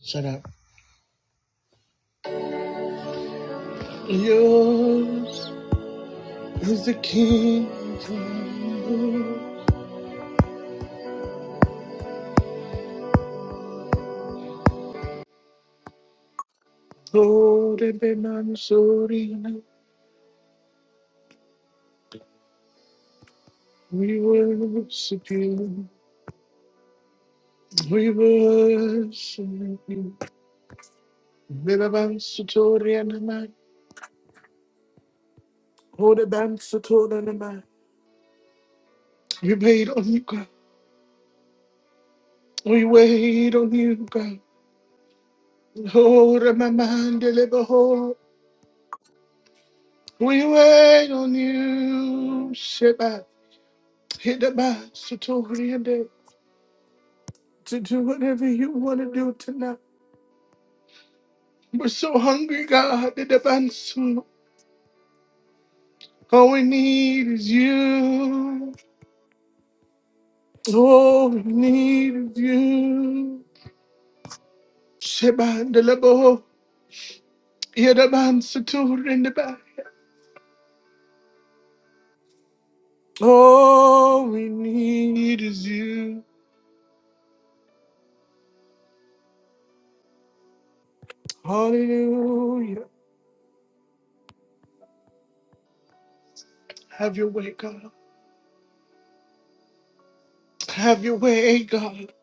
Shut up. Yours is the kingdom. Glory be mansoorina. We worship you. We worship you. Bela bansutoria nama. Ode bansutoria nama. We wait on you, God. We wait on you, God. Hold my mind, deliver hold. We wait on you, Sheba. Hit the bansutoria to do whatever you want to do tonight. We're so hungry, God, that the answer. All we need is you. All we need is you. Shebandelebo, yedabansatur in the back. All we need is you. Hallelujah. Have your way, God. Have your way, God.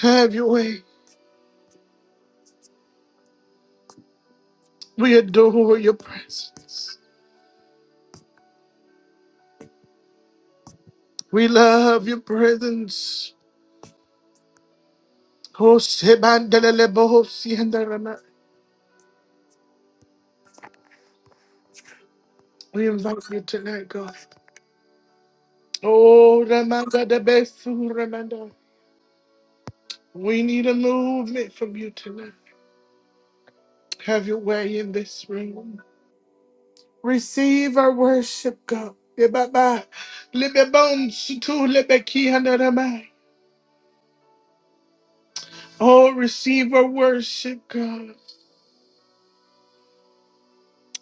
Have your way. We adore your presence. We love your presence. Oh, Shebandelele Boho Sienda Rama. We invite you tonight, God. Oh, Ramanda de Besu Ramanda. We need a movement from you tonight. Have your way in this room. Receive our worship, God. Yebaba. Lebe bones to lebe kihanda Rama. Oh, receive our worship, God.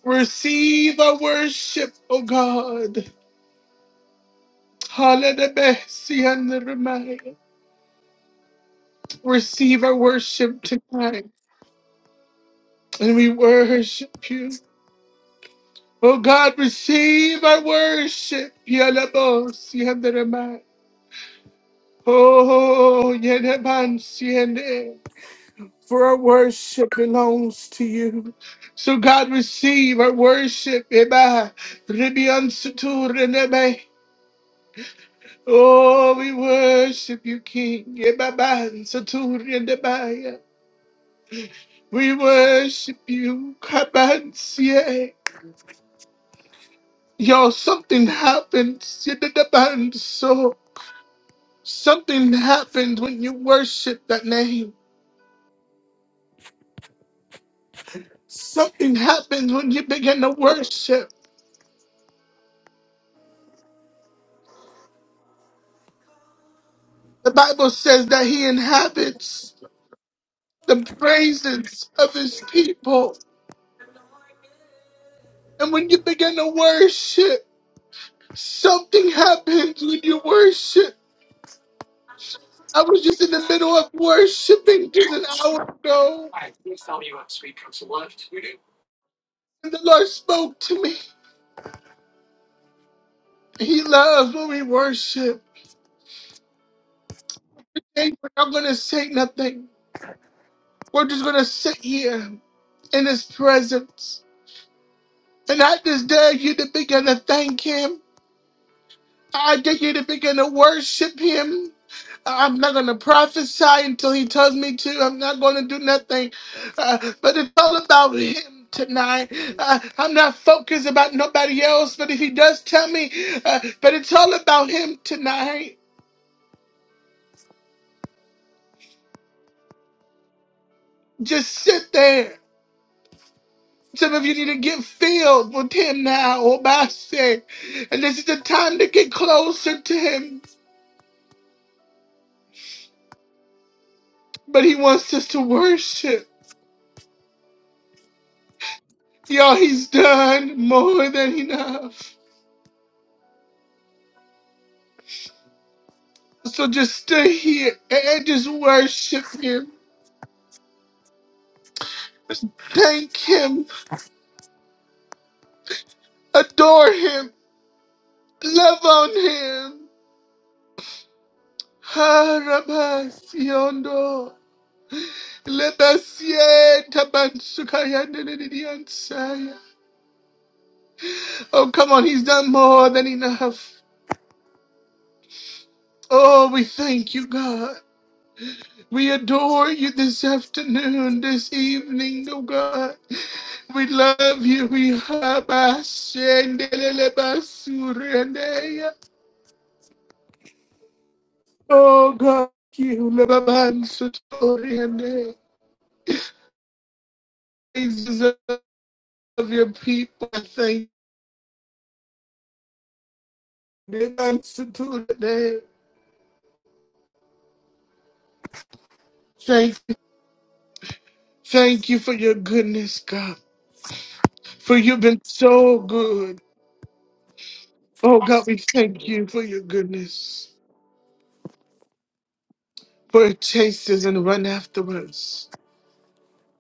Receive our worship, oh God. Hallelujah. Receive our worship tonight. and we worship you. Oh God, receive our worship. Yalabos, yandarama. Oh, yanaban, siende. for our worship belongs to you. So God, receive our worship. Eba, ribian sutur, renebe. Oh, we worship you, King. Ebaban, sutur, rendebaya. We worship you, Kabansie. Yo, something happens. You did the band, so something happens when you worship that name. Something happens when you begin to worship. The Bible says that He inhabits the praises of His people. And when you begin to worship, something happens when you worship. I was just in the middle of worshiping just an hour ago, Alright, please tell me what street comes left. You do. and the Lord spoke to me. He loves when we worship. Hey, we're not going to say nothing. We're just going to sit here in His presence. And I just dare you to begin to thank Him. I dare you to begin to worship Him. I'm not going to prophesy until He tells me to. I'm not going to do nothing. Uh, but it's all about Him tonight. Uh, I'm not focused about nobody else, but if He does tell me, uh, but it's all about Him tonight. Just sit there Some of you need to get filled with him now, Obase. And this is the time to get closer to him. But he wants us to worship. Y'all, he's done more than enough. So just stay here and just worship him. Just thank him. Adore him. Love on him. Ha, rabasiondo. Lebasie, tabansukaya, nene, nene, ansaya. Oh, come on, he's done more than enough. Oh, we thank you, God. We adore you this afternoon, this evening, oh God. We love you. We have a Oh God, you Lebabansutoriande. praises of your people. Thank you. Lebabansutoriande. Thank you. Thank you for your goodness, God. For you've been so good. Oh God, we thank you for your goodness. for it chases and run after us.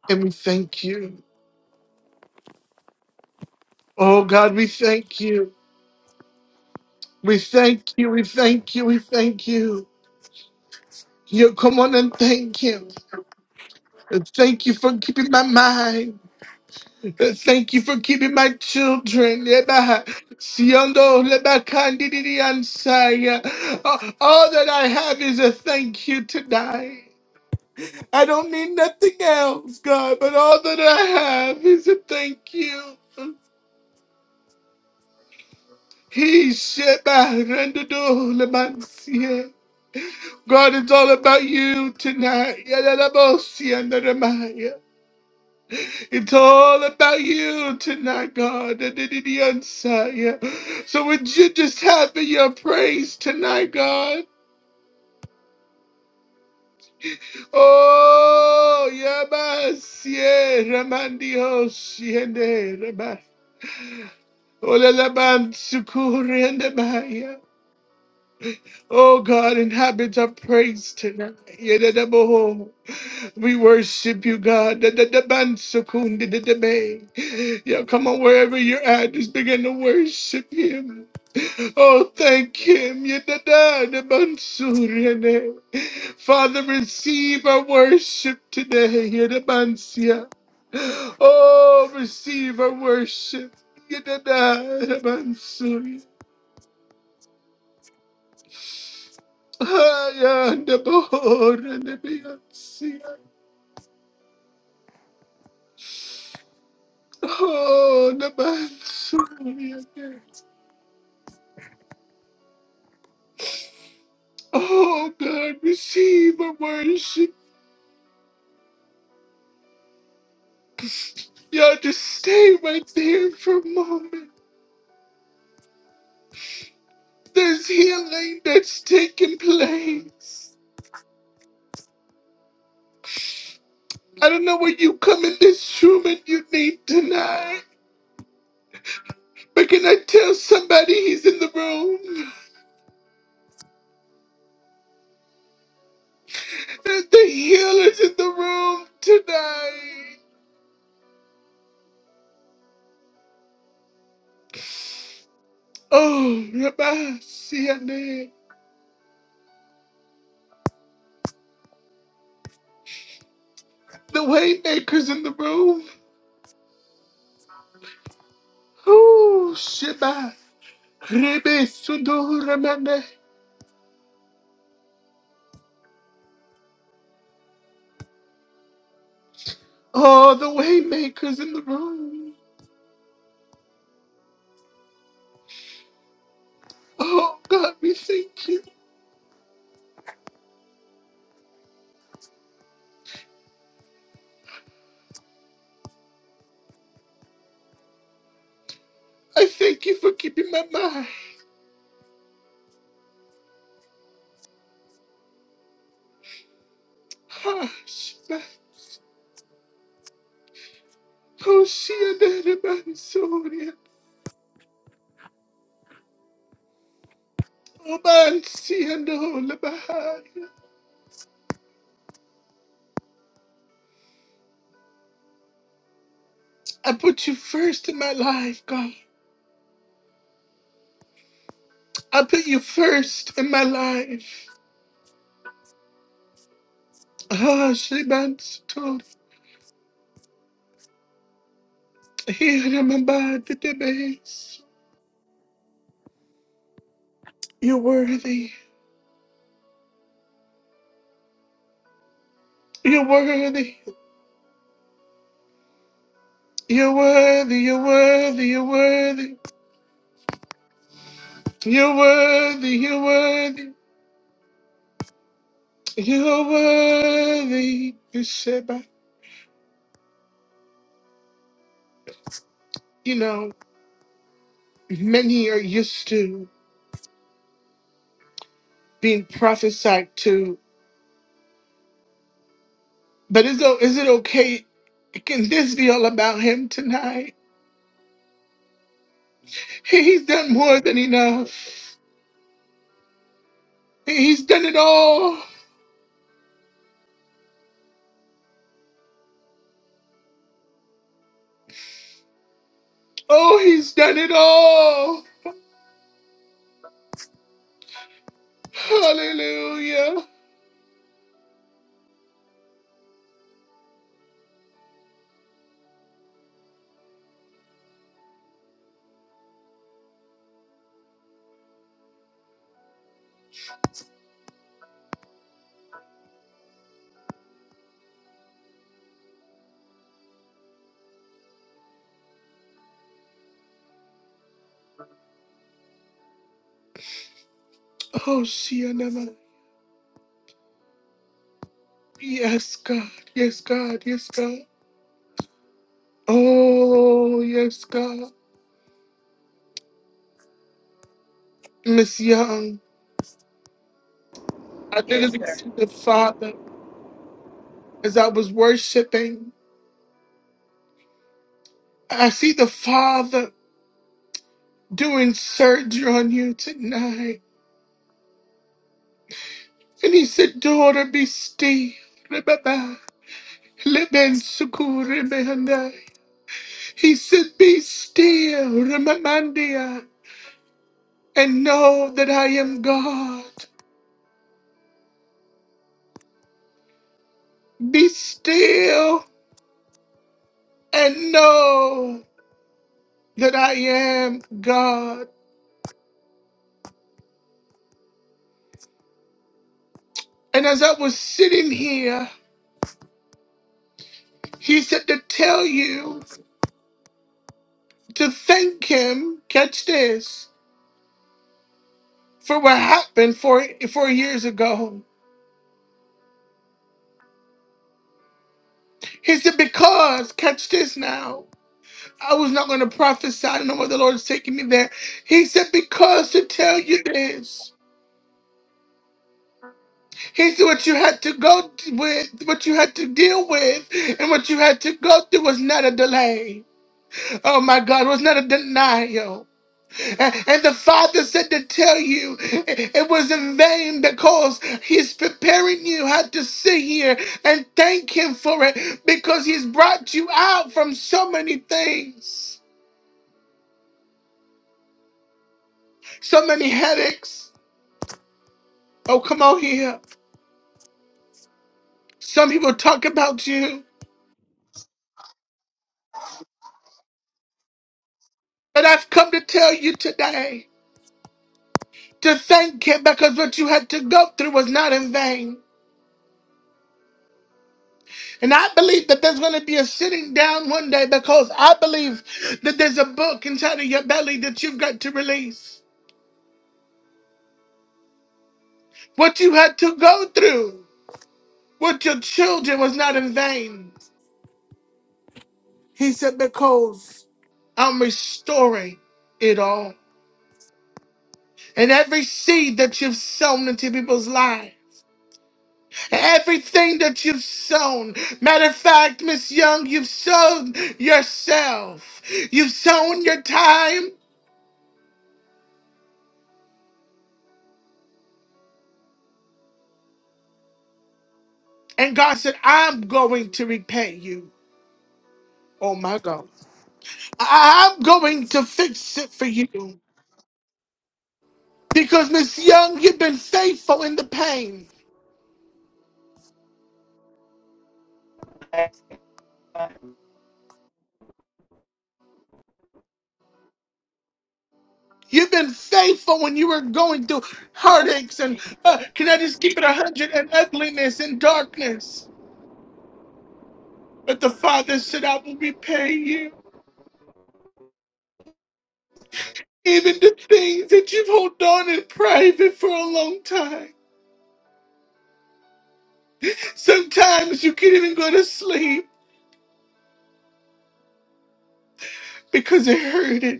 And we thank you. Oh God, we thank you. We thank you. We thank you. We thank you. You come on and thank him. And Thank you for keeping my mind. And Thank you for keeping my children. Eba, siondo, leba, kandidi, ansaya. All all that I have is a thank you tonight. I don't need nothing else, God, but all that I have is a thank you. He sheba rendudu lemansie. God, it's all about you tonight. Yadadabosi andaramaya. It's all about you tonight, God. Yadadidiyonsaya. So would you just have your praise tonight, God? Oh, yabasie ramandiosi endereba. Olalabansukuri andamaya. Oh, God, inhabit our praise tonight. Yadadaboho. We worship you, God. Da- da- da- ban- sukun- da- da- da- bay. Yeah, come on, wherever you're at, just begin to worship Him. Oh, thank Him. Ya- da- da- da- ban- surene. Father, receive our worship today. Ya- da- ban- sia. Oh, receive our worship. Ya- da- da- da- ban- suri. Ah, ya- da- bo- re- ne- be- ya- sia. Oh, the man. Oh God, receive my worship. Y'all just stay right there for a moment. There's healing that's taking place. I don't know what you come in this room and you need tonight, but can I tell somebody he's in the room? That the healer's in the room tonight. Oh, Rabbi Siane, the waymaker's in the room. Oh, Sheba, Rebe Sundor Oh, the waymakers in the room. Oh God, we thank you. I thank you for keeping my mind. Ah, Shema. Oh, Shianda, Mansoria. Oh, Mansiando, Labahaya. I put you first in my life, God. I put you first in my life. Ah, Shibansotor. Here in my mind, the base. You're worthy. You're worthy. You're worthy. You're worthy. You're worthy. You're worthy, you're worthy, you're worthy. You said, but, you know, many are used to being prophesied to. But is, o- is it okay? Can this be all about him tonight? He- He's done more than enough. He's done it all. Oh, he's done it all. Hallelujah. Oh, Sianama. Yes, God. Yes, God. Yes, God. Oh, yes, God. Miss Young. I Yes, literally sir. see the Father as I was worshiping. I see the Father doing surgery on you tonight. And he said, Daughter, be still. Remember. Leben suku remember. He said, Be still, Remamandia, and know that I am God. Be still and know that I am God. And as I was sitting here, he said to tell you to thank him, catch this, for what happened four, four years ago. He said, Because, catch this now, I was not going to prophesy. I know where the Lord is taking me there. He said, Because to tell you this. He said, What you had to go t- with, what you had to deal with, and what you had to go through was not a delay. Oh my God, was not a denial. And the Father said to tell you it was in vain because He's preparing you how to sit here and thank Him for it because He's brought you out from so many things, so many headaches. Oh, come on here. Some people talk about you, but I've come to tell you today to thank Him because what you had to go through was not in vain. And I believe that there's going to be a sitting down one day because I believe that there's a book inside of your belly that you've got to release. What you had to go through with your children was not in vain. He said, Because I'm restoring it all. And every seed that you've sown into people's lives, everything that you've sown. Matter of fact, Miss Young, you've sown yourself. You've sown your time. And God said, I'm going to repay you. Oh my God. I- I'm going to fix it for you. Because, Miss Young, you've been faithful in the pain. You've been faithful when you were going through heartaches and, Jesus. uh, can I just keep it 100 and ugliness and darkness? But the Father said, I will repay you. Even the things that you've held on in private for a long time. Sometimes you can't even go to sleep because it hurted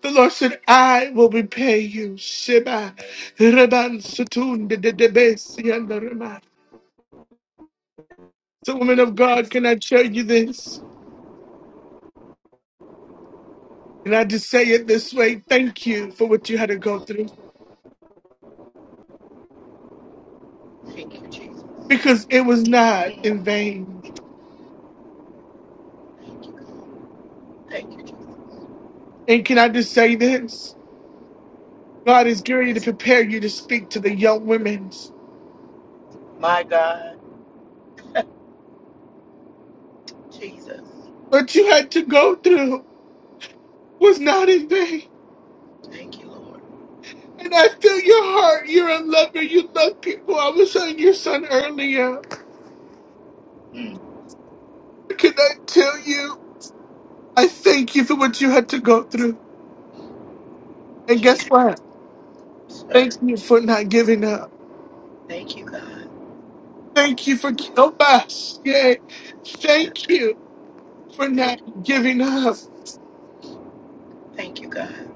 The Lord said, I will repay you. Sheba, Reban, Sutun, de de de Besi, and the Rema. So, woman of God, can I show you this? Can I just say it this way? Thank you for what you had to go through Thank you, Jesus. because it was not Mm, in vain. Thank you, Jesus. And can I just say this? God is gearing to Yes, sir. prepare you to speak to the young women. My God, Jesus. What you had to go through was not in vain. Thank you, Lord. And I feel your heart. You're a lover. You love people. I was on your son earlier. Mm, Can I tell you? I thank you for what you had to go through. And guess Jesus, what? Thank sir. you for not giving up. Thank you, God. Thank you for oh us. Yay. Jesus. Thank you for not Thank you. giving up. Thank you, God.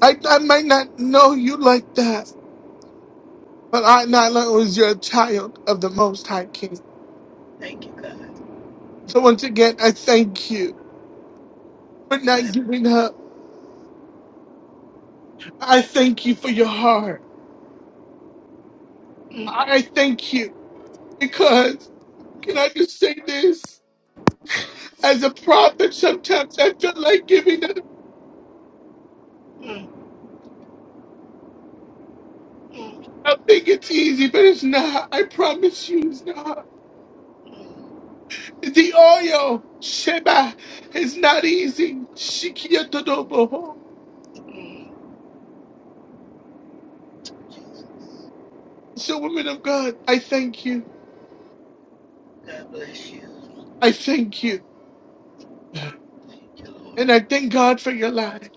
I, I might not know you like that, but I not only was your child of the Most High King. Thank you, God. So once again, I thank you for not I- giving up. I thank you for your heart. Mm, I I thank you because, can I just say this? As a prophet, sometimes I feel like giving up. mm, mm, I think it's easy, but it's not. I promise you, it's not. mm, The oil, Sheba, is not easy. Shikiyatodobo. mm. Jesus. So, women of God, I thank you. God bless you. I thank you. Thank you, Lord. And I thank God for your life.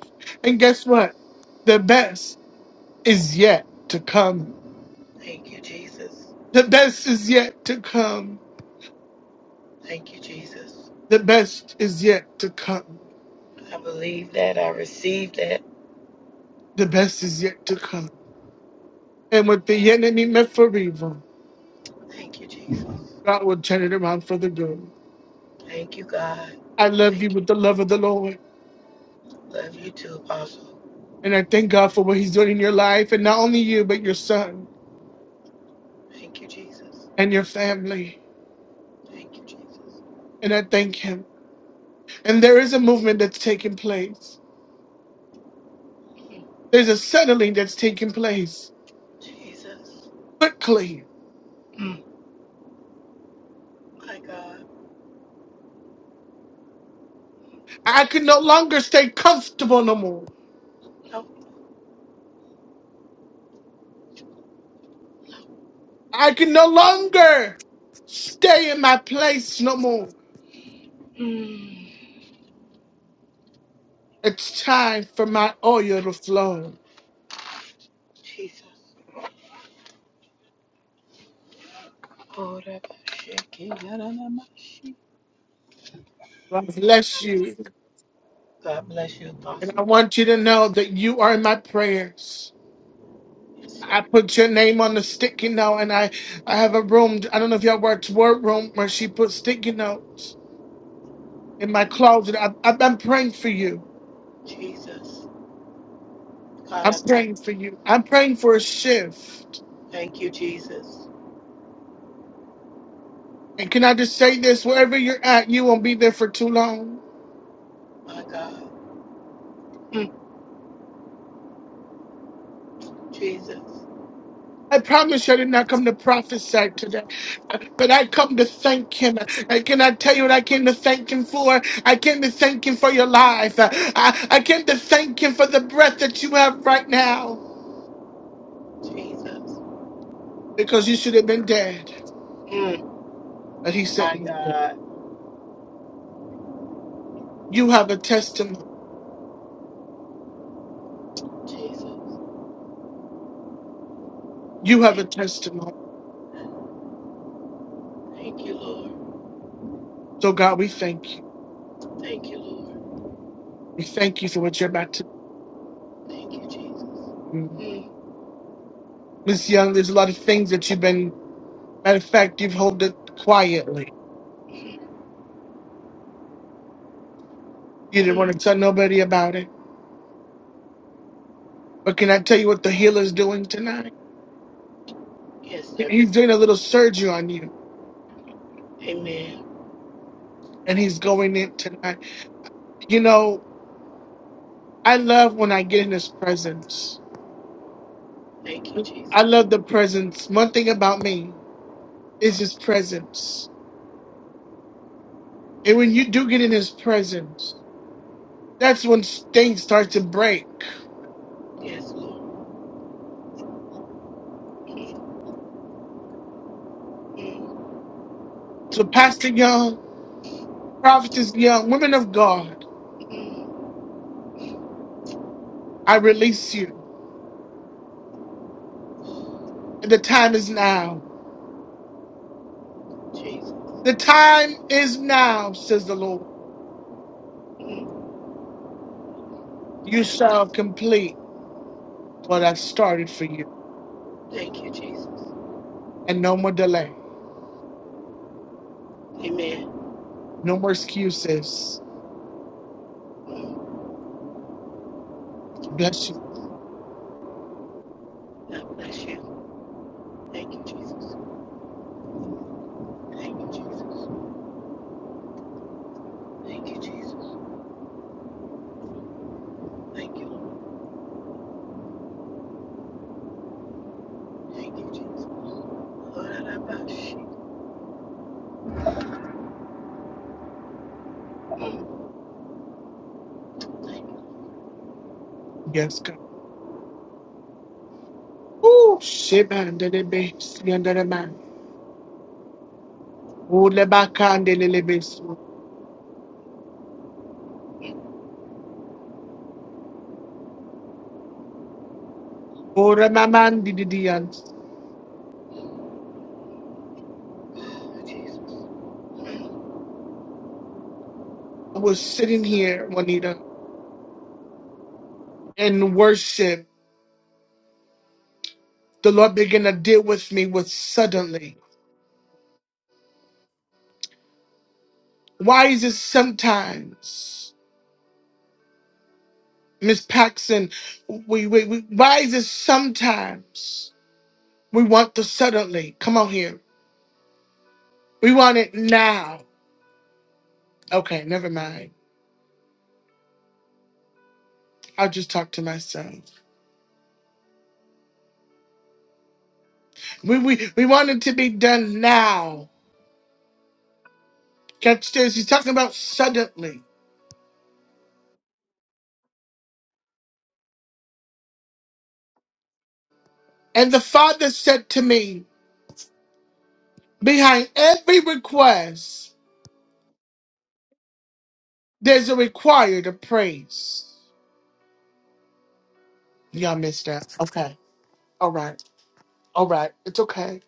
And guess what? The best is yet to come. Thank you, Jesus. The best is yet to come. Thank you, Jesus. The best is yet to come. I believe that. I receive that. The best is yet to come. And with the enemy meant for evil, Thank you, Jesus. God will turn it around for the good. Thank you, God. I Thank love you. you with the love of the Lord. Love you too, Apostle. And I thank God for what He's doing in your life, and not only you, but your son Thank you, Jesus. and your family. Thank you, Jesus. And I thank Him. And there is a movement that's taking place, Mm. there's a settling that's taking place Jesus. quickly. Mm. My God. I can no longer stay comfortable no more. Oh. I can no longer stay in my place no more. Mm. It's time for my oil to flow. Jesus. Oh, yeah, God bless you. God bless you, And I Apostle. want you to know that you are in my prayers. Yes, sir. I put your name on the sticky note, and I, I have a room. I don't know if y'all worked work room where she put sticky notes in my closet. I, I, I'm praying for you. Jesus. God, I'm I thank praying for you. I'm praying for a shift. thank you, Jesus. And can I just say this? Wherever you're at, you won't be there for too long. My God. Mm. Jesus. I promise you, I did not come to prophesy today, but I come to thank him. I cannot tell you what I came to thank him for? I came to thank him for your life. I, I came to thank him for the breath that you have right now. Jesus. because you should have been dead. Mm. But he said, My God. You have a testimony. Jesus. You have a Thank testimony. Thank you, Lord. So, God, we thank you. Thank you, Lord. We thank you for what you're about to Thank you, do. Jesus. Miss Young, there's a lot of things that you've been, matter of fact, you've held it quietly. Mm. You didn't want Mm. to tell nobody about it. But can I tell you what the healer's doing tonight? Yes, sir. He's doing a little surgery on you, Amen. and he's going in tonight. You know, I love when I get in his presence. Thank you, I Jesus. love the presence. One thing about me is his presence. And when you do get in his presence, that's when things start to break. Yes, Lord. Mm. Thank So, Pastor Young, Prophetess Young, women of God, you, Mm. I release you. And the time is now. The Jesus. time is now, says the Lord. Mm. You Have your- shall complete what I've started for you. Thank you, Jesus. And no more delay, Amen. no more excuses. Thank you, Bless you. Jesus. God bless you. Thank you, Jesus. Thank you, Jesus. Thank you, Jesus. Thank you, Lord. Thank you, Jesus. Lord, I love you. Mm. Thank you, Yes, God. Ooh, shebandele yandere Oh, lebakandele besu. Oh, remamandi didians. Mm. Jesus. Mm. I was sitting here, Juanita. in worship, the Lord began to deal with me with suddenly. Why is it sometimes, Miss Paxson, we, we, we why is it sometimes we want the suddenly? Come on here. We want it now. Okay, never mind. I'll just talk to myself. We we, we want it to be done now. Catch this, he's talking about suddenly. And the Father said to me, Behind every request, there's a required of praise. Y'all missed that. Okay. All right. All right. It's okay.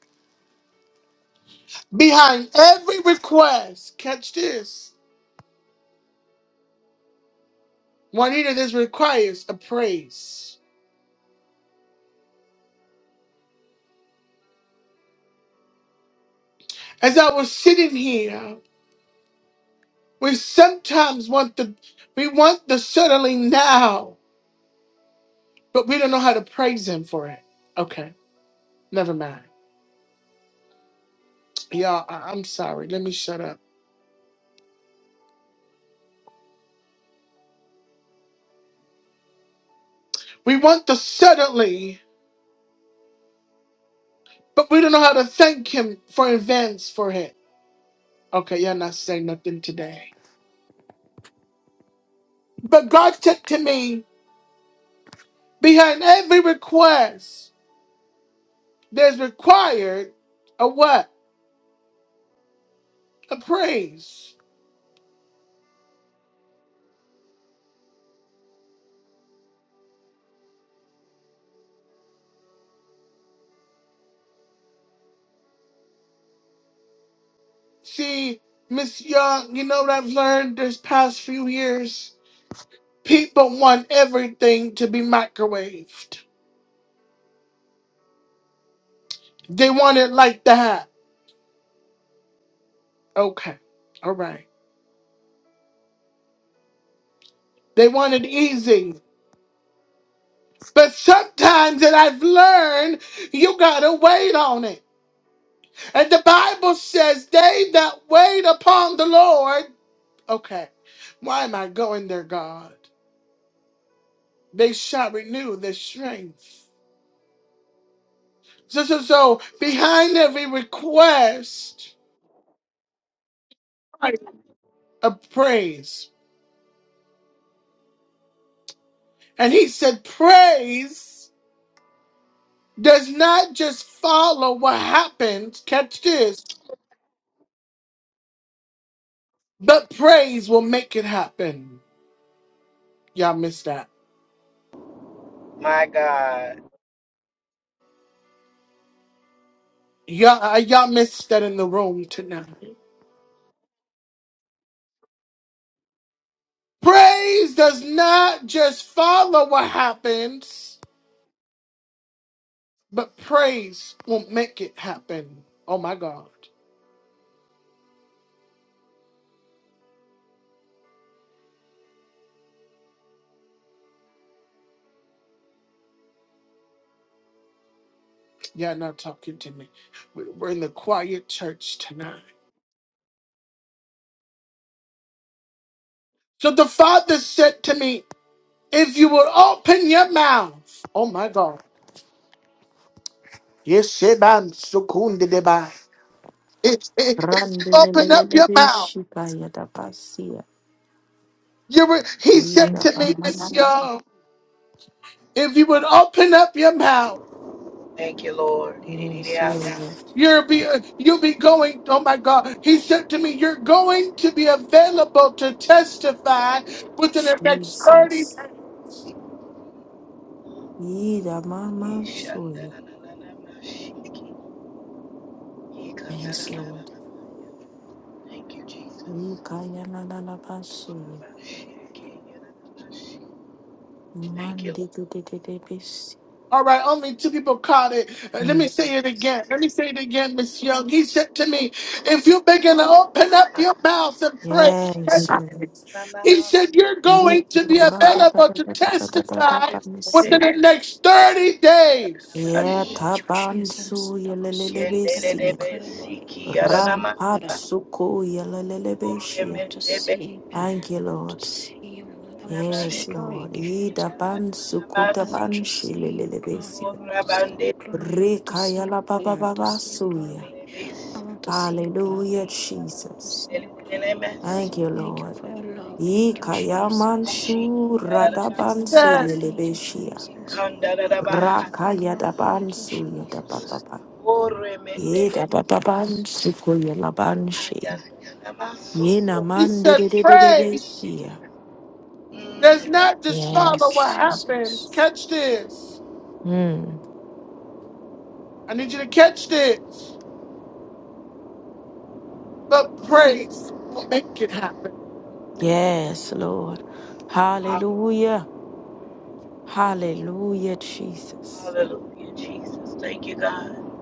Behind every request, catch this. Juanita, this requires a praise. As I was sitting here, we sometimes want the we want the suddenly now, but we don't know how to praise him for it. Okay. Never mind. Y'all, I- I'm sorry. Let me shut up. We want the suddenly, but we don't know how to thank him for events for it. Okay, y'all not saying nothing today. But God said to me. Behind every request, there's required a what? A praise. See, Miss Young, you know what I've learned this past few years? People want everything to be microwaved. They want it like that. Okay, all right. They want it easy. But sometimes that I've learned, you gotta wait on it. And the Bible says, they that wait upon the Lord. Okay, why am I going there, God? They shall renew their strength. So, so, so behind every request, right, a praise. And he said, praise does not just follow what happens. Catch this, but praise will make it happen. Y'all missed that. My God. Y'all, uh, y'all missed that in the room tonight. Praise does not just follow what happens, but praise will make it happen. Oh my God. You're not talking to me. We- We're in the quiet church tonight. So the Father said to me, If you will open your mouth, oh my God. Yes, Sheban Sukundi Deba. If if- if you open up your Randelelelele mouth, shikaya da basia. you will, he said Yida to me, baman. Monsieur, if you would open up your mouth, Thank you, Lord. Yes, Yes. Lord. you'll be uh, you'll be going, oh my God. He said to me, You're going to be available to testify within the next 30 Jesus. days. Yida Thank maman soya. Yes, Lord. you, Jesus. Yikaya la la la basuya. Thank you, Mandi de Lord. de de de bisi. All right, only two people caught it. Uh, Let Mm. me say it again. Let me say it again, Miss Young. He said to me, if you begin to open up your mouth and pray, Yes, Lord. he said, Sunday, you're going to be Yikura da da available da to da da da da da testify within bansi. the next 30 days. Thank Yeta you, Jesus. bansuya Lava lelele son taraba besia. Rampatsuko ya lelele I want to see that. Thank you, To Lord. see you. Lord. I want to see your Yes, glory, Lord. Jesus Ida Christ. ban I sukuta want ban to see your glory. shilelebesi. I want to see your glory. I want to see Rekaya your la glory. baba I want to baba see your suya. glory. I want to see your Hallelujah, glory. I want to Jesus. see your glory. Thank you, Thank you Lord. for your love. Thank you, Ikaya Jesus. mansu Thank you He for radaban your love. said, Thank you, selelebeshia. Jesus. Thank you for your Rakaya love. daban Thank you, suya da baba Jesus. ba. Thank Ye you, da baba ban Jesus. sukuya la ban she. Ye na he man de said, de de de de pray beshia. does Mm, God. not just Thank you, follow what Yes. happens. Jesus. Catch this. Mm. I need you to catch this. But praise will make it happen. Yes, Lord. Hallelujah. Hallelujah, Jesus. Hallelujah, Jesus. Thank you, God.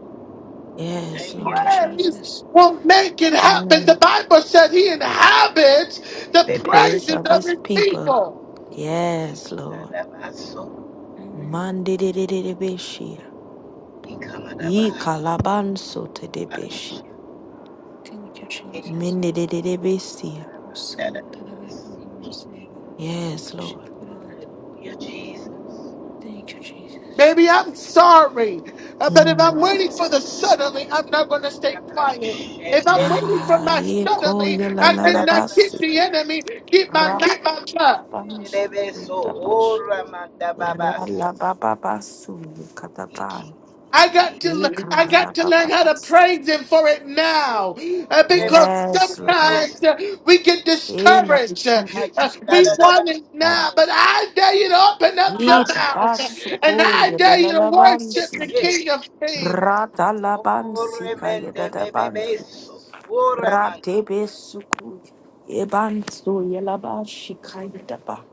Yes, Thank you, Thank you, Lord. God. praise Jesus. will make it happen. The Mm. Bible said he inhabits the The Bebe, praise praises of of his his people. people. Yes, Lord. dadabaso, Amen. Mandidididibishia. ikamadaba, Ye kalabanso tedibishia. Thank you, eh, Jesus. Mindidididibishia. Son, dadadadasiki. Yes, Lord. Hallelujah, Jesus. Thank you, Jesus. Maybe I'm sorry, uh, but if Hallelujah. Mm. I'm waiting for the suddenly, I'm not going to stay quiet. If I'm waiting for Ma my ye suddenly, koya la I la la cannot keep basi. the Ramandadadabashi, enemy, keep my Ra mouth shut. ba ba ba su dedebeso, da ba o shi. Ra ramandababas, la ba ba ba su ye kata ba iki, I dididi, got to le- I got to learn how to praise him for it o now. Uh, because Yes, Lord. sometimes remedebebeso. uh, we get Ina discouraged. Uh, uh, we mansu want it Ayandarabasu. an now, but I dare you to open up your ita Nananamasu. mouth uh, and basuko I dare you to worship the yedalabansi. Eh. King of Kings. Rata labansi ka Oremende kayedalabansi. bebebeso, Rate oramanda besuku yebansu yelabashi kayedaba.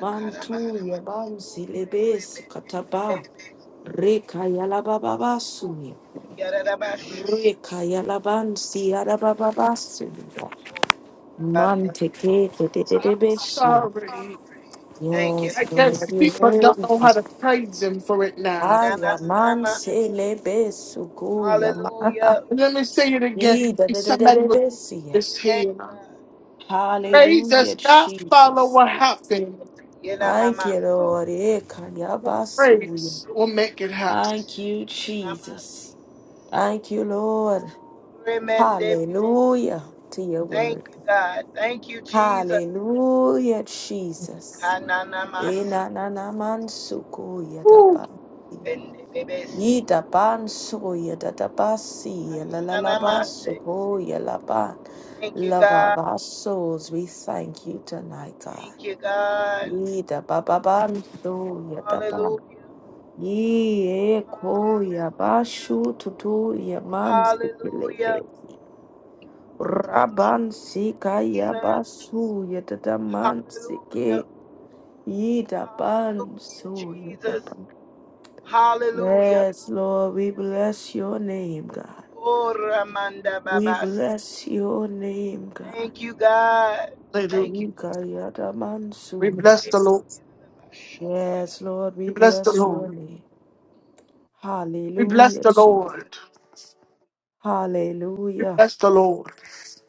Mantu karama, yebansi oremende lebesu kataba. bebebeso, Reka yalabababasu. yarabasha, Reka yalabansi yalabababasu. so Man, bande take it, bebebeso. take it, take it, I'm Beshia. sorry. Thank you, I Yes, God. guess Lord, you people don't worthy. know how to praise him for it now. Na na Aya na na man ma. selebe sukuya man. Hallelujah. Let me say it again. Ee, da da da da Somebody da with Glory to Beshia. this your name, here. God. Mm. Praise Hallelujah, does not follow Jesus. what happened. Yena Thank mama you, Lord. so. Ekaya basuya. Praise will make it happen. Thank you, Jesus. Thank you, Lord. Remende bebesu. Hallelujah to your Thank word. you, God. Thank you, Jesus. Hallelujah, Jesus. Hananamasi. Enananamansuku Woo. yadabasi. Bende bebesi. Yidabansu yadadabasi yalalalabansuku yalaban. Thank you, Love God. our souls, we thank you tonight, God. Thank you, God. Yidababansu yadaban. Hallelujah. Yieko Hallelujah. yabashu tutu Hallelujah. yamansikilevesi. Hallelujah, Rabansika Jesus. yabasu Hallelujah. yadadamansikilevesi. Hallelujah, Jesus. Yidaban Hallelujah. Yes, Lord, we Hallelujah. bless your name, God. Oh, Ramanda We Babas. bless your name, God. Thank you, God. Hallelujah. Thank you. We Yikayatamansuye. bless the Lord. Jesus. Yes, Lord, we We bless the bless Lord. your name. We bless Hallelujah, the Jesus. Lord. We Hallelujah. bless the Lord.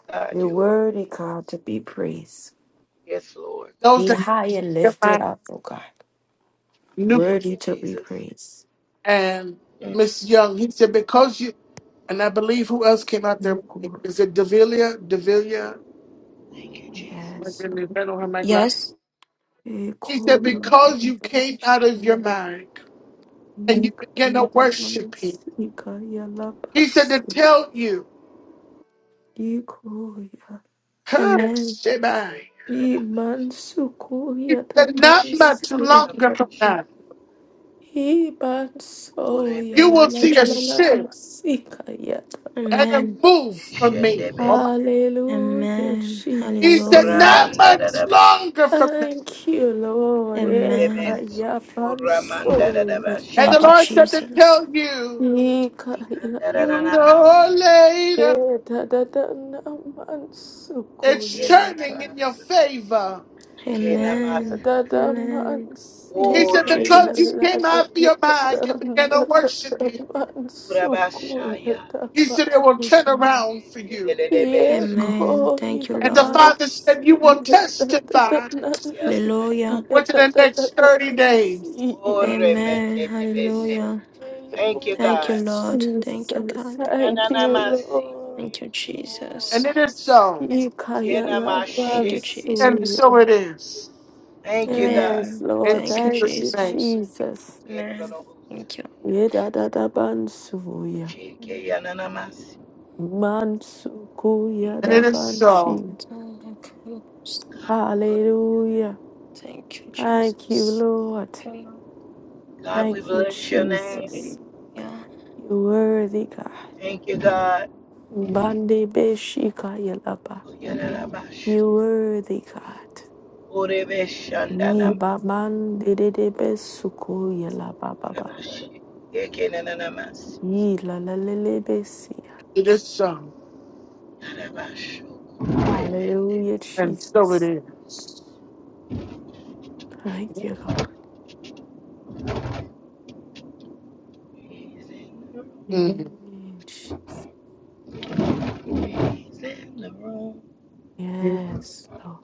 God, You're you are. worthy, God, to be praised. Yes, Lord. Those Be that high and get lifted my up, O God. Nuke Thank you, Worthy to be Jesus. praised. and Mm. Miss Young, he said, because you and I believe who else came out there? Is it Devilia? Devilia? Thank you, Jesus. My Yes, goodness, I don't have my glass. Yes. He said, Lord. because you came out of your mind and you began to Nikaya worship him. Devans, Nikaya He said to Labans, tell you, Nikoya, huh, Amen. Shemai. He Imansukoya said, not Dabans, much longer from Ikaya, now, Ibansoya, you La will La Thank you, see La a La La Jesus. shift Basikaya. and a Amen. move from me. Oh Shendebes, my- Hallelujah, Amen. He said, Jesus. Hallelujah. Not much longer from now. Thank you, Lord. Amen. Ikaya Bansoya. And the Thank you, Lord said to Jesus. tell you, Nikaya, sooner or later, Eda Da Da it's Namansukoya turning Labans. in your favor. Ela Amen. da da Amen. He mansi Thank you, Oh, said, kaya la Because Jesus. you da came da out of da your mind da and began da to da worship da Him, mansu kuya Rabashaya. da He ba said, It will Thank turn you. around for you. ye Dedelebeso. Amen. koya Thank you, And the Lord. Oh, Father said, You mansi will ya da da da testify na na Yes. Hallelujah. ya within da the da da next da 30 days. mansi Oh, Amen. Yeah, Remendebebeso. Hallelujah. Thank you, Hallelujah, Thank you, God. Lord. Thank you, Jesus. God. Thank you, Yenanamasi. Lord. Thank Thank you, you, Lord. Jesus. And it is so. Ikaya Thank you, Yenamashiki. And labansuya. Jesus. so it is. Thank you, God. Yes, Amen. In Lord. Thank you, Thank Jesus' you, name. Jesus. Jesus. Amen. Thank you. Yedadabansuya. Shiki yananamasi. And it is so. Mansukuyadabanshi. God, we bless your name. Hallelujah. Thank you, Thank you, Jesus. Lord. Thank you, God, we Thank you, bless your Lord. name. Jesus. Hallelujah. You worthy God. Thank you, God. Bande beshika yalaba. Yararabashu. You worthy God. Ni Orebeshandanama. baban de de besuku yalaba baba. Rabashi. Ekenanamasi. Ye la la la la besia. It is so, Yarabashu. Remende. Hallelujah, and so it Jesus. is. Thank you, Lord. He's in the room. Mhm. Yeah, Jesus. He's in the room. Yes, Lord.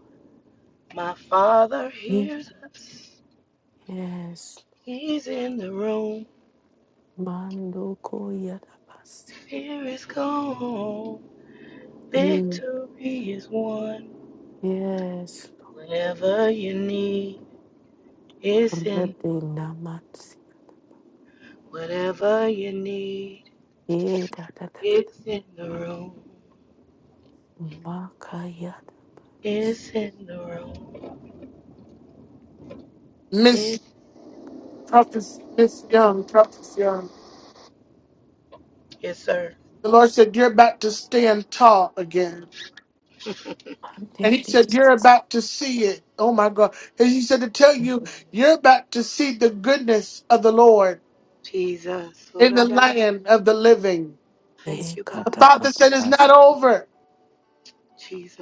My father Me- hears us. Yes. He's in the room. Mando koya dabasi. Here is gone. In Victory is won. yes, Whatever you need, it's Lord. in Rede the room. namatsi. Whatever you need, Eh, da da da da da. it's in the room. Makaya dabasi. It's in the room. It's Miss Prophet, Miss Young, Prophet Young. Yes, sir. The Lord said, You're about to stand tall again. And Ande he said, bis. You're about to see it. Oh my God. And he said to tell you, you're about to see the goodness of the Lord Jesus. Lord, in I the da- land of the living. Eh, Thank you, The kata God. Father said it's babas. not over.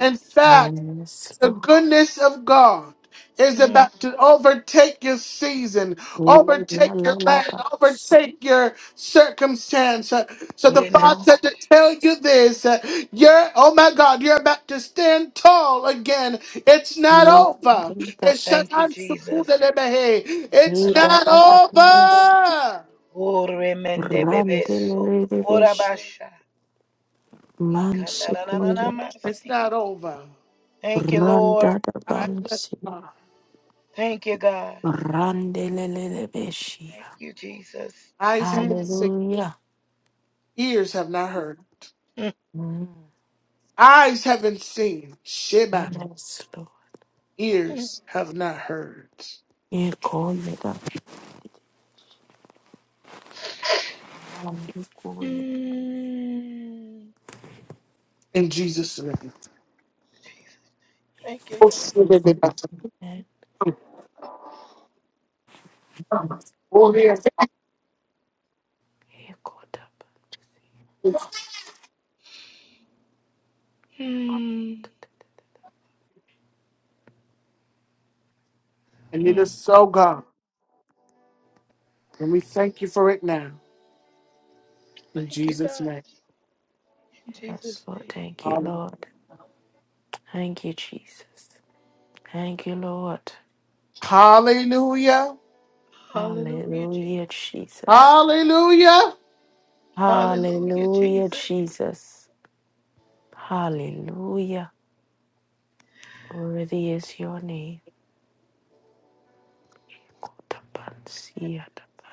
In fact, Yes, The Lord. goodness of God is Mm. about to overtake your season, Eh, la overtake la your la land, babasi. overtake your circumstance. Uh, So the Yeah, nah, Father Ram. much. said to tell you this, uh, you're, oh my God, you're about to stand tall again. It's not Eh, over. eh, It's not Thank you, dabasi. It's Jesus. Yeah, nah, nah, nah, Eh, nah. da not da da. over. Oh, remende Ram de bebeso. Ora me basha. He Man can- nah, nah, nah, nah, nah, sekulele my It's si- not over. Thank you, Lord. randa da I bless bansi God. Thank you, God. randelelele Thank beshia. you, Jesus. Eyes haven't Mm. seen, Hallelujah. ears have not heard. Mm. Mm. Eyes haven't seen. Sheba. Yes, Lord. Mm. ears have not heard. Eko call me da bandu kuye. Mm. In Jesus' name. Thank you, Lord. And eko call da bansi. Mm. And it Mm. is so, God. And we thank you for it now. In Thank you, Jesus' God. name. In Yes, Jesus' Lord. name. Thank you, Lord. Thank you, Jesus. Thank you, Lord. Hallelujah. Hallelujah, Jesus. Hallelujah, Jesus. Hallelujah. Hallelujah, Hallelujah, Jesus. Jesus. Hallelujah. Worthy is your name.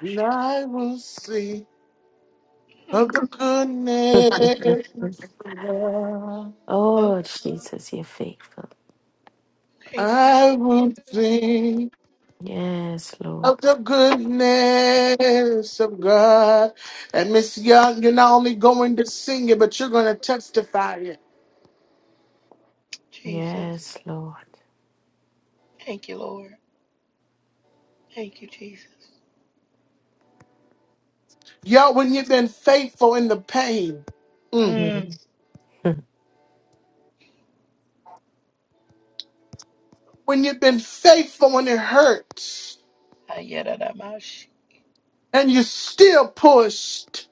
And I will see of the goodness. Mhm. of God. Oh, Oh, Jesus, you're faithful. thank you, I will sing. Yes, of Lord. the goodness of God. And Miss Young, you're not only going to sing it, but you're going to testify it. Jesus. Yes, Lord. Thank you, Lord. Thank you, Jesus. Y'all, when you've been faithful in the pain, mm, Mm. Mhm. when you've been faithful when it hurts, Ayadadamashi. and you still pushed,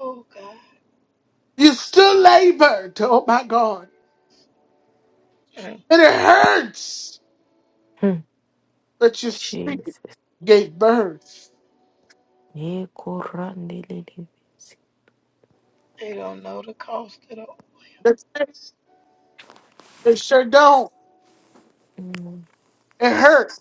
Oh, God. you still labored, oh my God, Mm. and it hurts, Mhm. but you still Jesus. gave birth. Yekorandelelebesi. They don't know the cost at all. That's it. It sure don't. Mm, It hurts.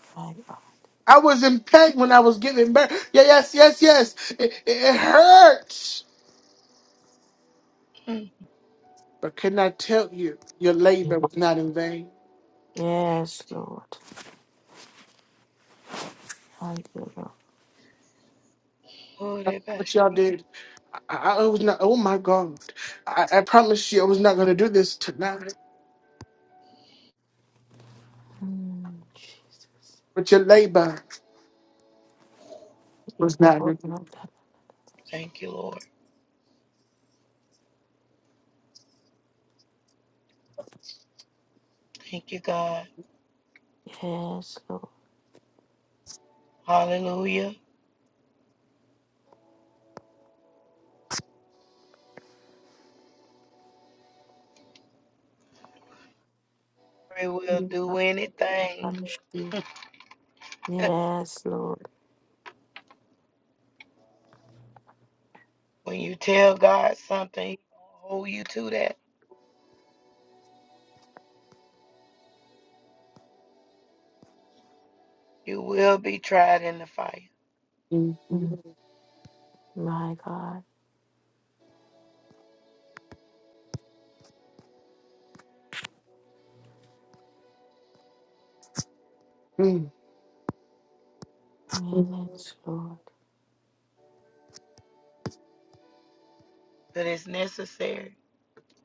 Fire. I was in pain when I was giving birth. Yeah, yes, yes, yes. It, it, it hurts. Mm. But can I tell you, your labor was not in vain. Yes, Lord. Thank you, Lord. Oh, they That's bash. What y'all did, I, I was not. Oh my God, I, I promised you I was not going to do this tonight. Mm, Jesus. But your labor was not. in vain. Yekorandelelebesi. Thank you, Lord. Thank you, God. Yes, Lord. Hallelujah. He will do anything. Yekorandelelebesi. Yes, Lord. when you tell God something, He gonna hold you to that. You will be tried in the fire, Mm, Mm, My God. mm, Yes, Lord. but it's necessary.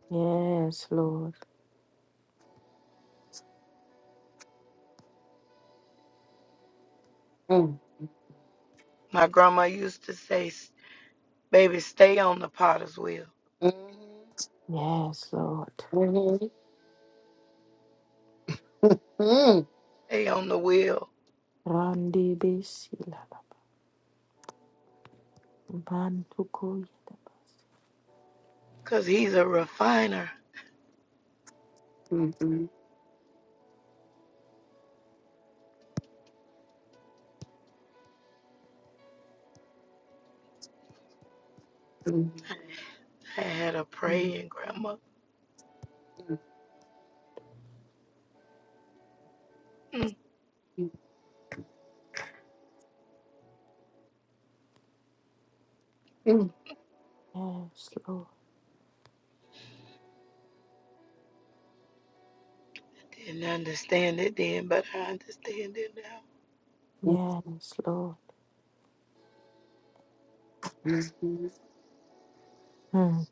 Yes, Lord. mm, My grandma used to say, "S- baby, stay on the potter's wheel. mm, mm, Yes, Lord. mm, mm, Stay on the wheel, Randi besilaba. Bantuko yedabas. 'cause he's a refiner. mm, mm, mm, I had a Mm. praying grandma. Mm. Yes, Lord. Didn't understand it then, but I understand it now. mm, Yes, Lord. mm, Mm.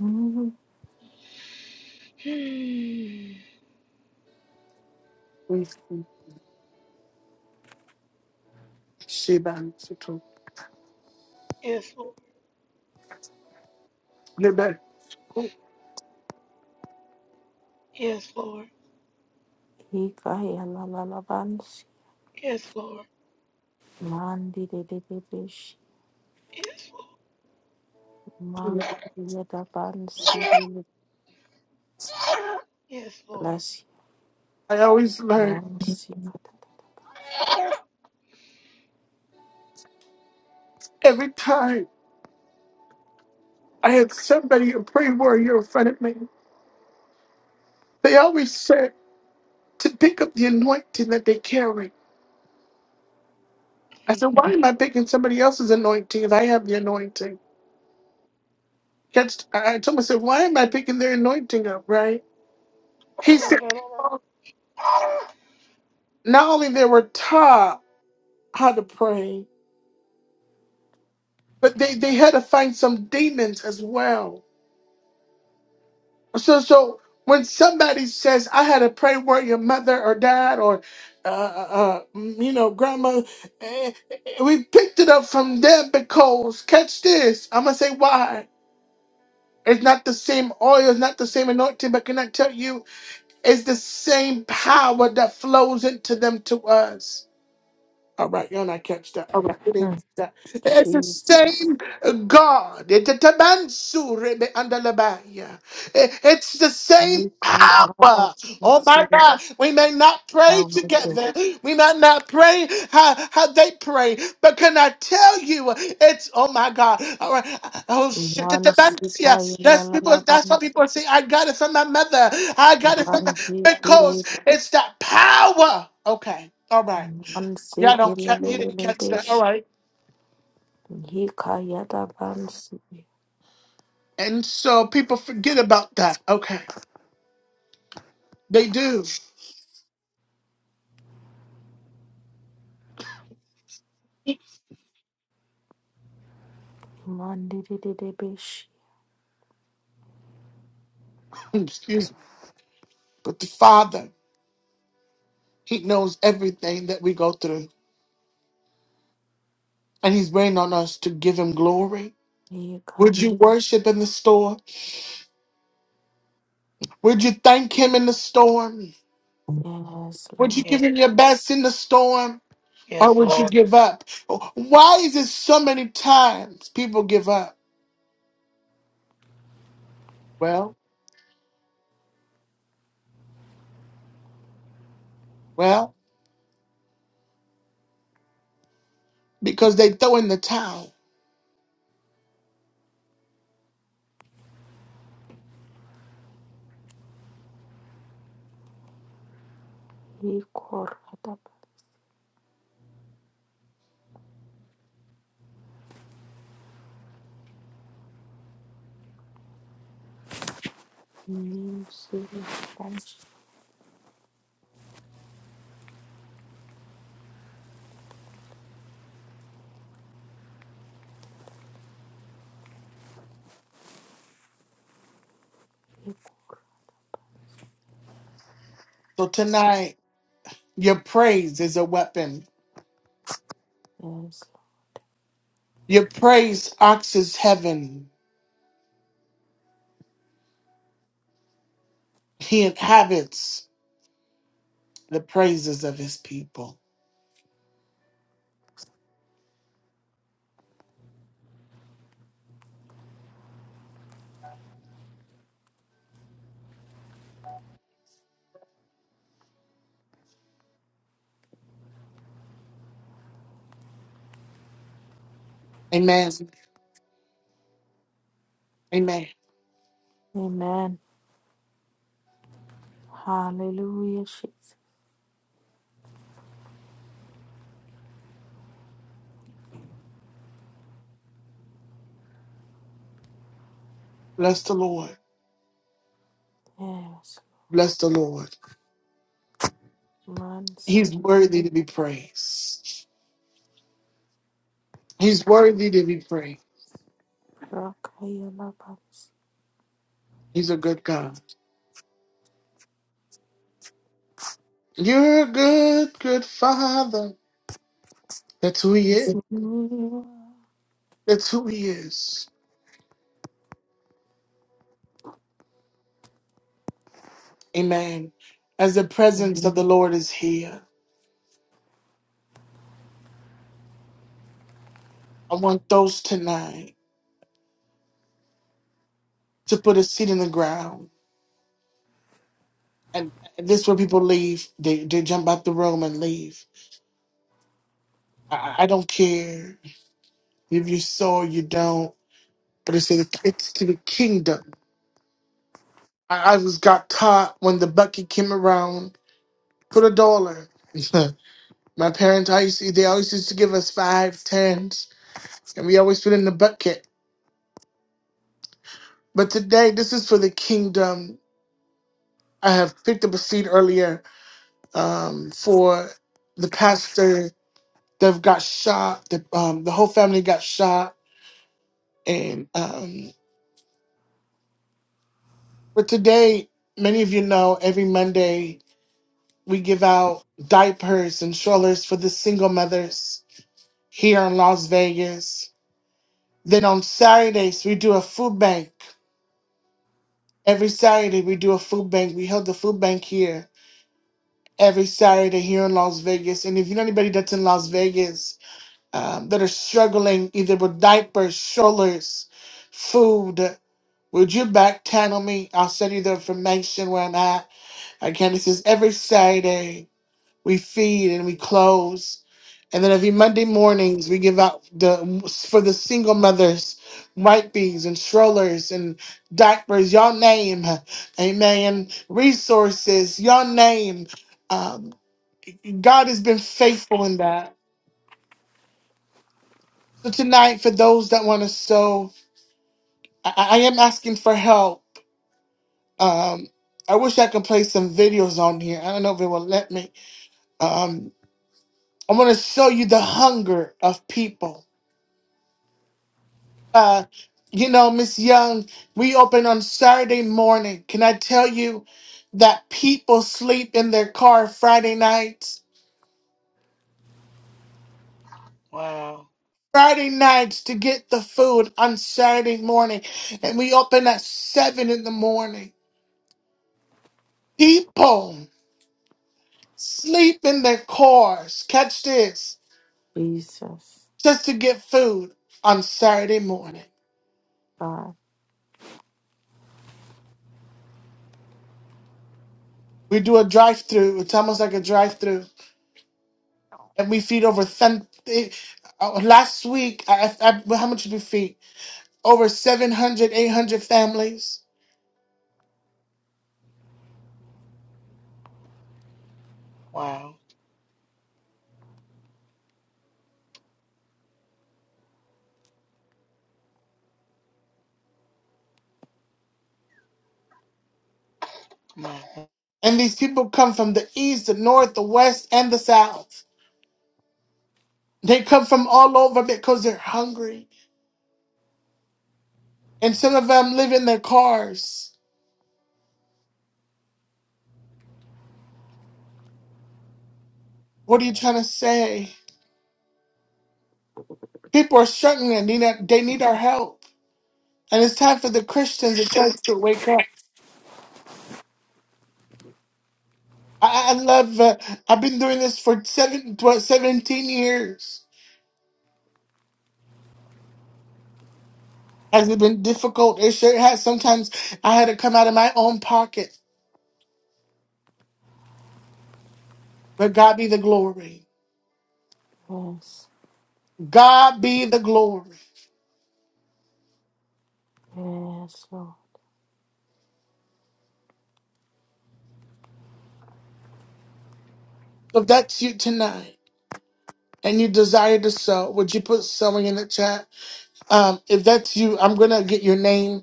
Mm. Hmm. mm. mm. Sheba, Soto. Yes, Lord. Lebet. Oh, Yes, Lord. Ikaya la la la bansi. Yes, Lord. Mandi de de de bish. Yes, Lord. you Maku know, yedabansi. Yes, Lord. Bless you. I always learn. Mansi katatabash. Every time I had somebody, a prayer warrior in front of me, they always said to pick up the anointing that they carry. I Mm. said, why am I picking somebody else's anointing if I have the anointing? That's, I I told myself, why am I picking their anointing up, right? He said, Da-da-da-da. "Well, not only they were taught how to pray, but they, they had to find some demons as well. So, so when somebody says, "I had a prayer where your mother or dad or uh, uh, uh, mm, you know grandma," eh, eh, we picked it up from them because catch this. I'm gonna say why. It's not the same oil, it's not the same anointing, but can I tell you, it's the same power that flows into them to us. All right, y'all not catch that. All right, you didn't Mm. catch that. It's the Jesus. same God. It- it- it- man, sure, be under the ban, yeah. It- It's the same Nikorada power. Oh bansi. my God. We may not pray together. We might not pray how, how they pray. But can I tell you, it's oh my God. All right. Oh shit. it- it- man, Mansi yeah. kaya la That's la people la that's what bansi people say. I got it from my mother. I got it from my randi kili because it's that power. Okay. All right. mansi Yeah, all don't kili catch. li You li didn't li catch that. All bish right. hi kaya da bansi And so people forget about that. Okay, they do. mandi di di di bish Excuse me. But the Father, He knows everything that we go through, and He's waiting on us to give Him glory. hi Would kaya you da worship in the storm? Would you thank Him in the storm? yes Would you Lord give Yes, Him your Lord. best in the storm, or Yes, would you Lord. give up? Why is it so many times people give up? Well, well, because they throw in the towel. hi kora da mansi bansi So tonight, your praise is a weapon. yes Lord. Your praise arches heaven. He inhabits the praises of his people. Amen. Amen. Amen Hallelujah Jesus Bless the Lord. yes Bless the Lord. mansi He's worthy to be praised. He's worthy to be praised. kaya la bansi He's a good God. You're a good, good Father. That's who He is. That's who He is. Amen. As the presence of the Lord is here, I want those tonight to put a seed in the ground And this is where people leave. They they jump out the room and leave. I, I don't care if you saw or you don't. But it's to the, it's to the kingdom. I, I was got caught when the bucket came around for a dollar. My parents I used to, they always used to give us five tens, and we always put in the bucket. But today, this is for the kingdom. I have picked up a seed earlier um, for the pastor that got shot. The um, the whole family got shot And um, but today, many of you know, every Monday we give out diapers and strollers for the single mothers here in Las Vegas. Then on Saturdays we do a food bank. Every Saturday we do a food bank. We held the food bank here every Saturday here in Las Vegas. And if you know anybody that's in Las Vegas, um, that are struggling either with diapers, strollers, food. Would you back channel me? I'll send you the information where I'm at. Again, this is every Saturday. We feed and we close. And then every Monday mornings, we give out the for the single mothers, wipes and strollers and diapers, y'all name, amen, resources, y'all name. Um, God has been faithful in that. So tonight, for those that want to sew, I, I am asking for help. Um, I wish I could play some videos on here. I don't know if it will let me. Um, I want to show you the hunger of people. Uh, you know, Miss Young, we open on Saturday morning. Can I tell you that people sleep in their car Friday nights? Wow. Friday nights to get the food on Saturday morning, and we open at seven in the morning. People. sleep in their cars. Catch this, Jesus. just to get food on Saturday morning. We do a drive-through. It's almost like a drive-through, and we feed over. Th- last week, I, I, I- well, how much did we feed? Over 700, 800 families, Wow. Wow. and these people come from the east, the north, the west, and the south. They come from all over because they're hungry, and some of them live in their cars. What are you trying to say? People are struggling. They need, they need our help. And it's time for the Christians, the church, to wake up. I, I I love, uh, I've been doing this for seven, 12, 17 years. Has it been difficult? It sure has. Sometimes I had to come out of my own pocket. But God be the glory. Yes, God be the glory. yes, Lord. So if that's you tonight and you desire to sow, would you put sowing in the chat? Um, if that's you, I'm going to get your name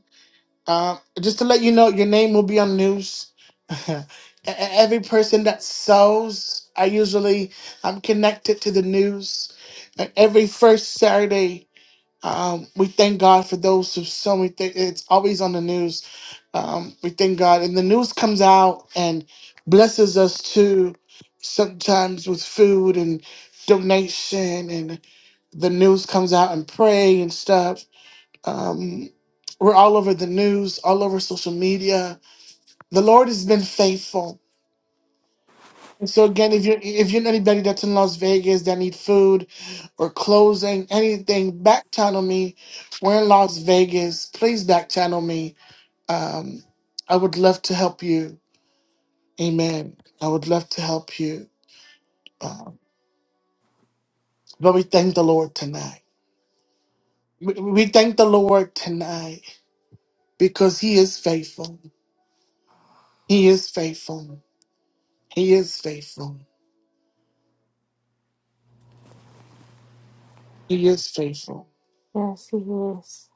Um, just to let you know, your name will be on the news. E- Every person that sews, I usually I'm connected to the news. And every first Saturday, um, we thank God for those who sew. We think it's always on the news. Um, we thank God, and the news comes out and blesses us too. Sometimes with food and donation, and the news comes out and pray and stuff. Um, we're all over the news, all over social media. The Lord has been faithful. And so again, if you're if you're anybody that's in Las Vegas that need food or clothing, anything, back channel me. We're in Las Vegas. Please back channel me. Um, I would love to help you. Amen. I would love to help you. Um, but we thank the Lord tonight. We, we thank the Lord tonight because He is faithful. He is faithful. He is faithful. He is faithful. Yes, He is.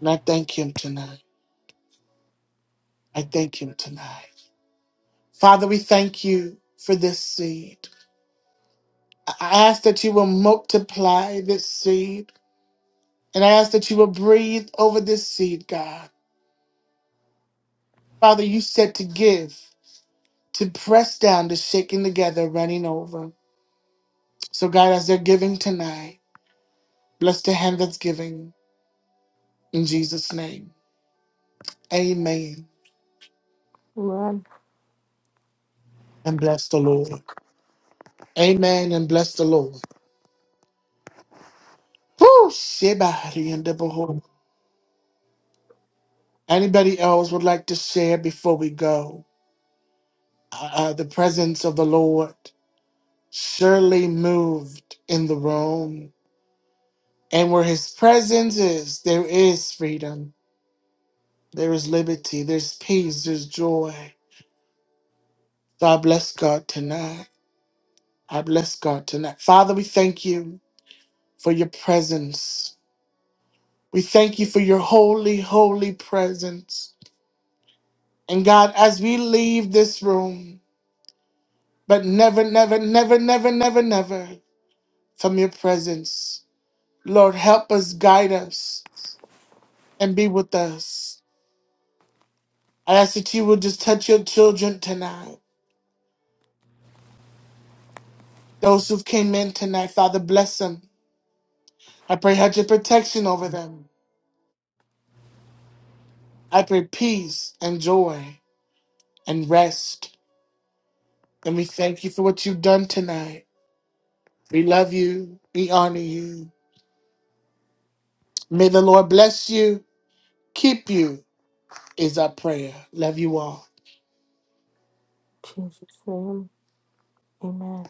And I thank him tonight. I thank him tonight. Father, we thank you for this seed. I ask that you will multiply this seed. And I ask that you will breathe over this seed, God. Father, you said to give, to press down, to shaking together, running over. So, God, as they're giving tonight, bless the hand that's giving in Jesus' name. Amen. Run And bless the Lord. Amen. And bless the Lord. Whew, shebari and the behold. Anybody else would like to share before we go? Uh, uh, the presence of the Lord surely moved in the room. And where his presence is, there is freedom, there is liberty, there's peace, there's joy. So I bless God tonight. I bless God tonight. Father, we thank you for your presence. We thank you for your holy, holy presence. And God, as we leave this room, but never, never, never, never, never, never. from your presence. Lord, help us, guide us, and be with us. I ask that you would just touch your children tonight. Those who've came in tonight, Father, bless them. I pray hedge your protection over them. I pray peace and joy and rest. And we thank you for what you've done tonight. We love you. We honor you. May the Lord bless you. Keep you is our prayer. Love you all. to Him. Amen.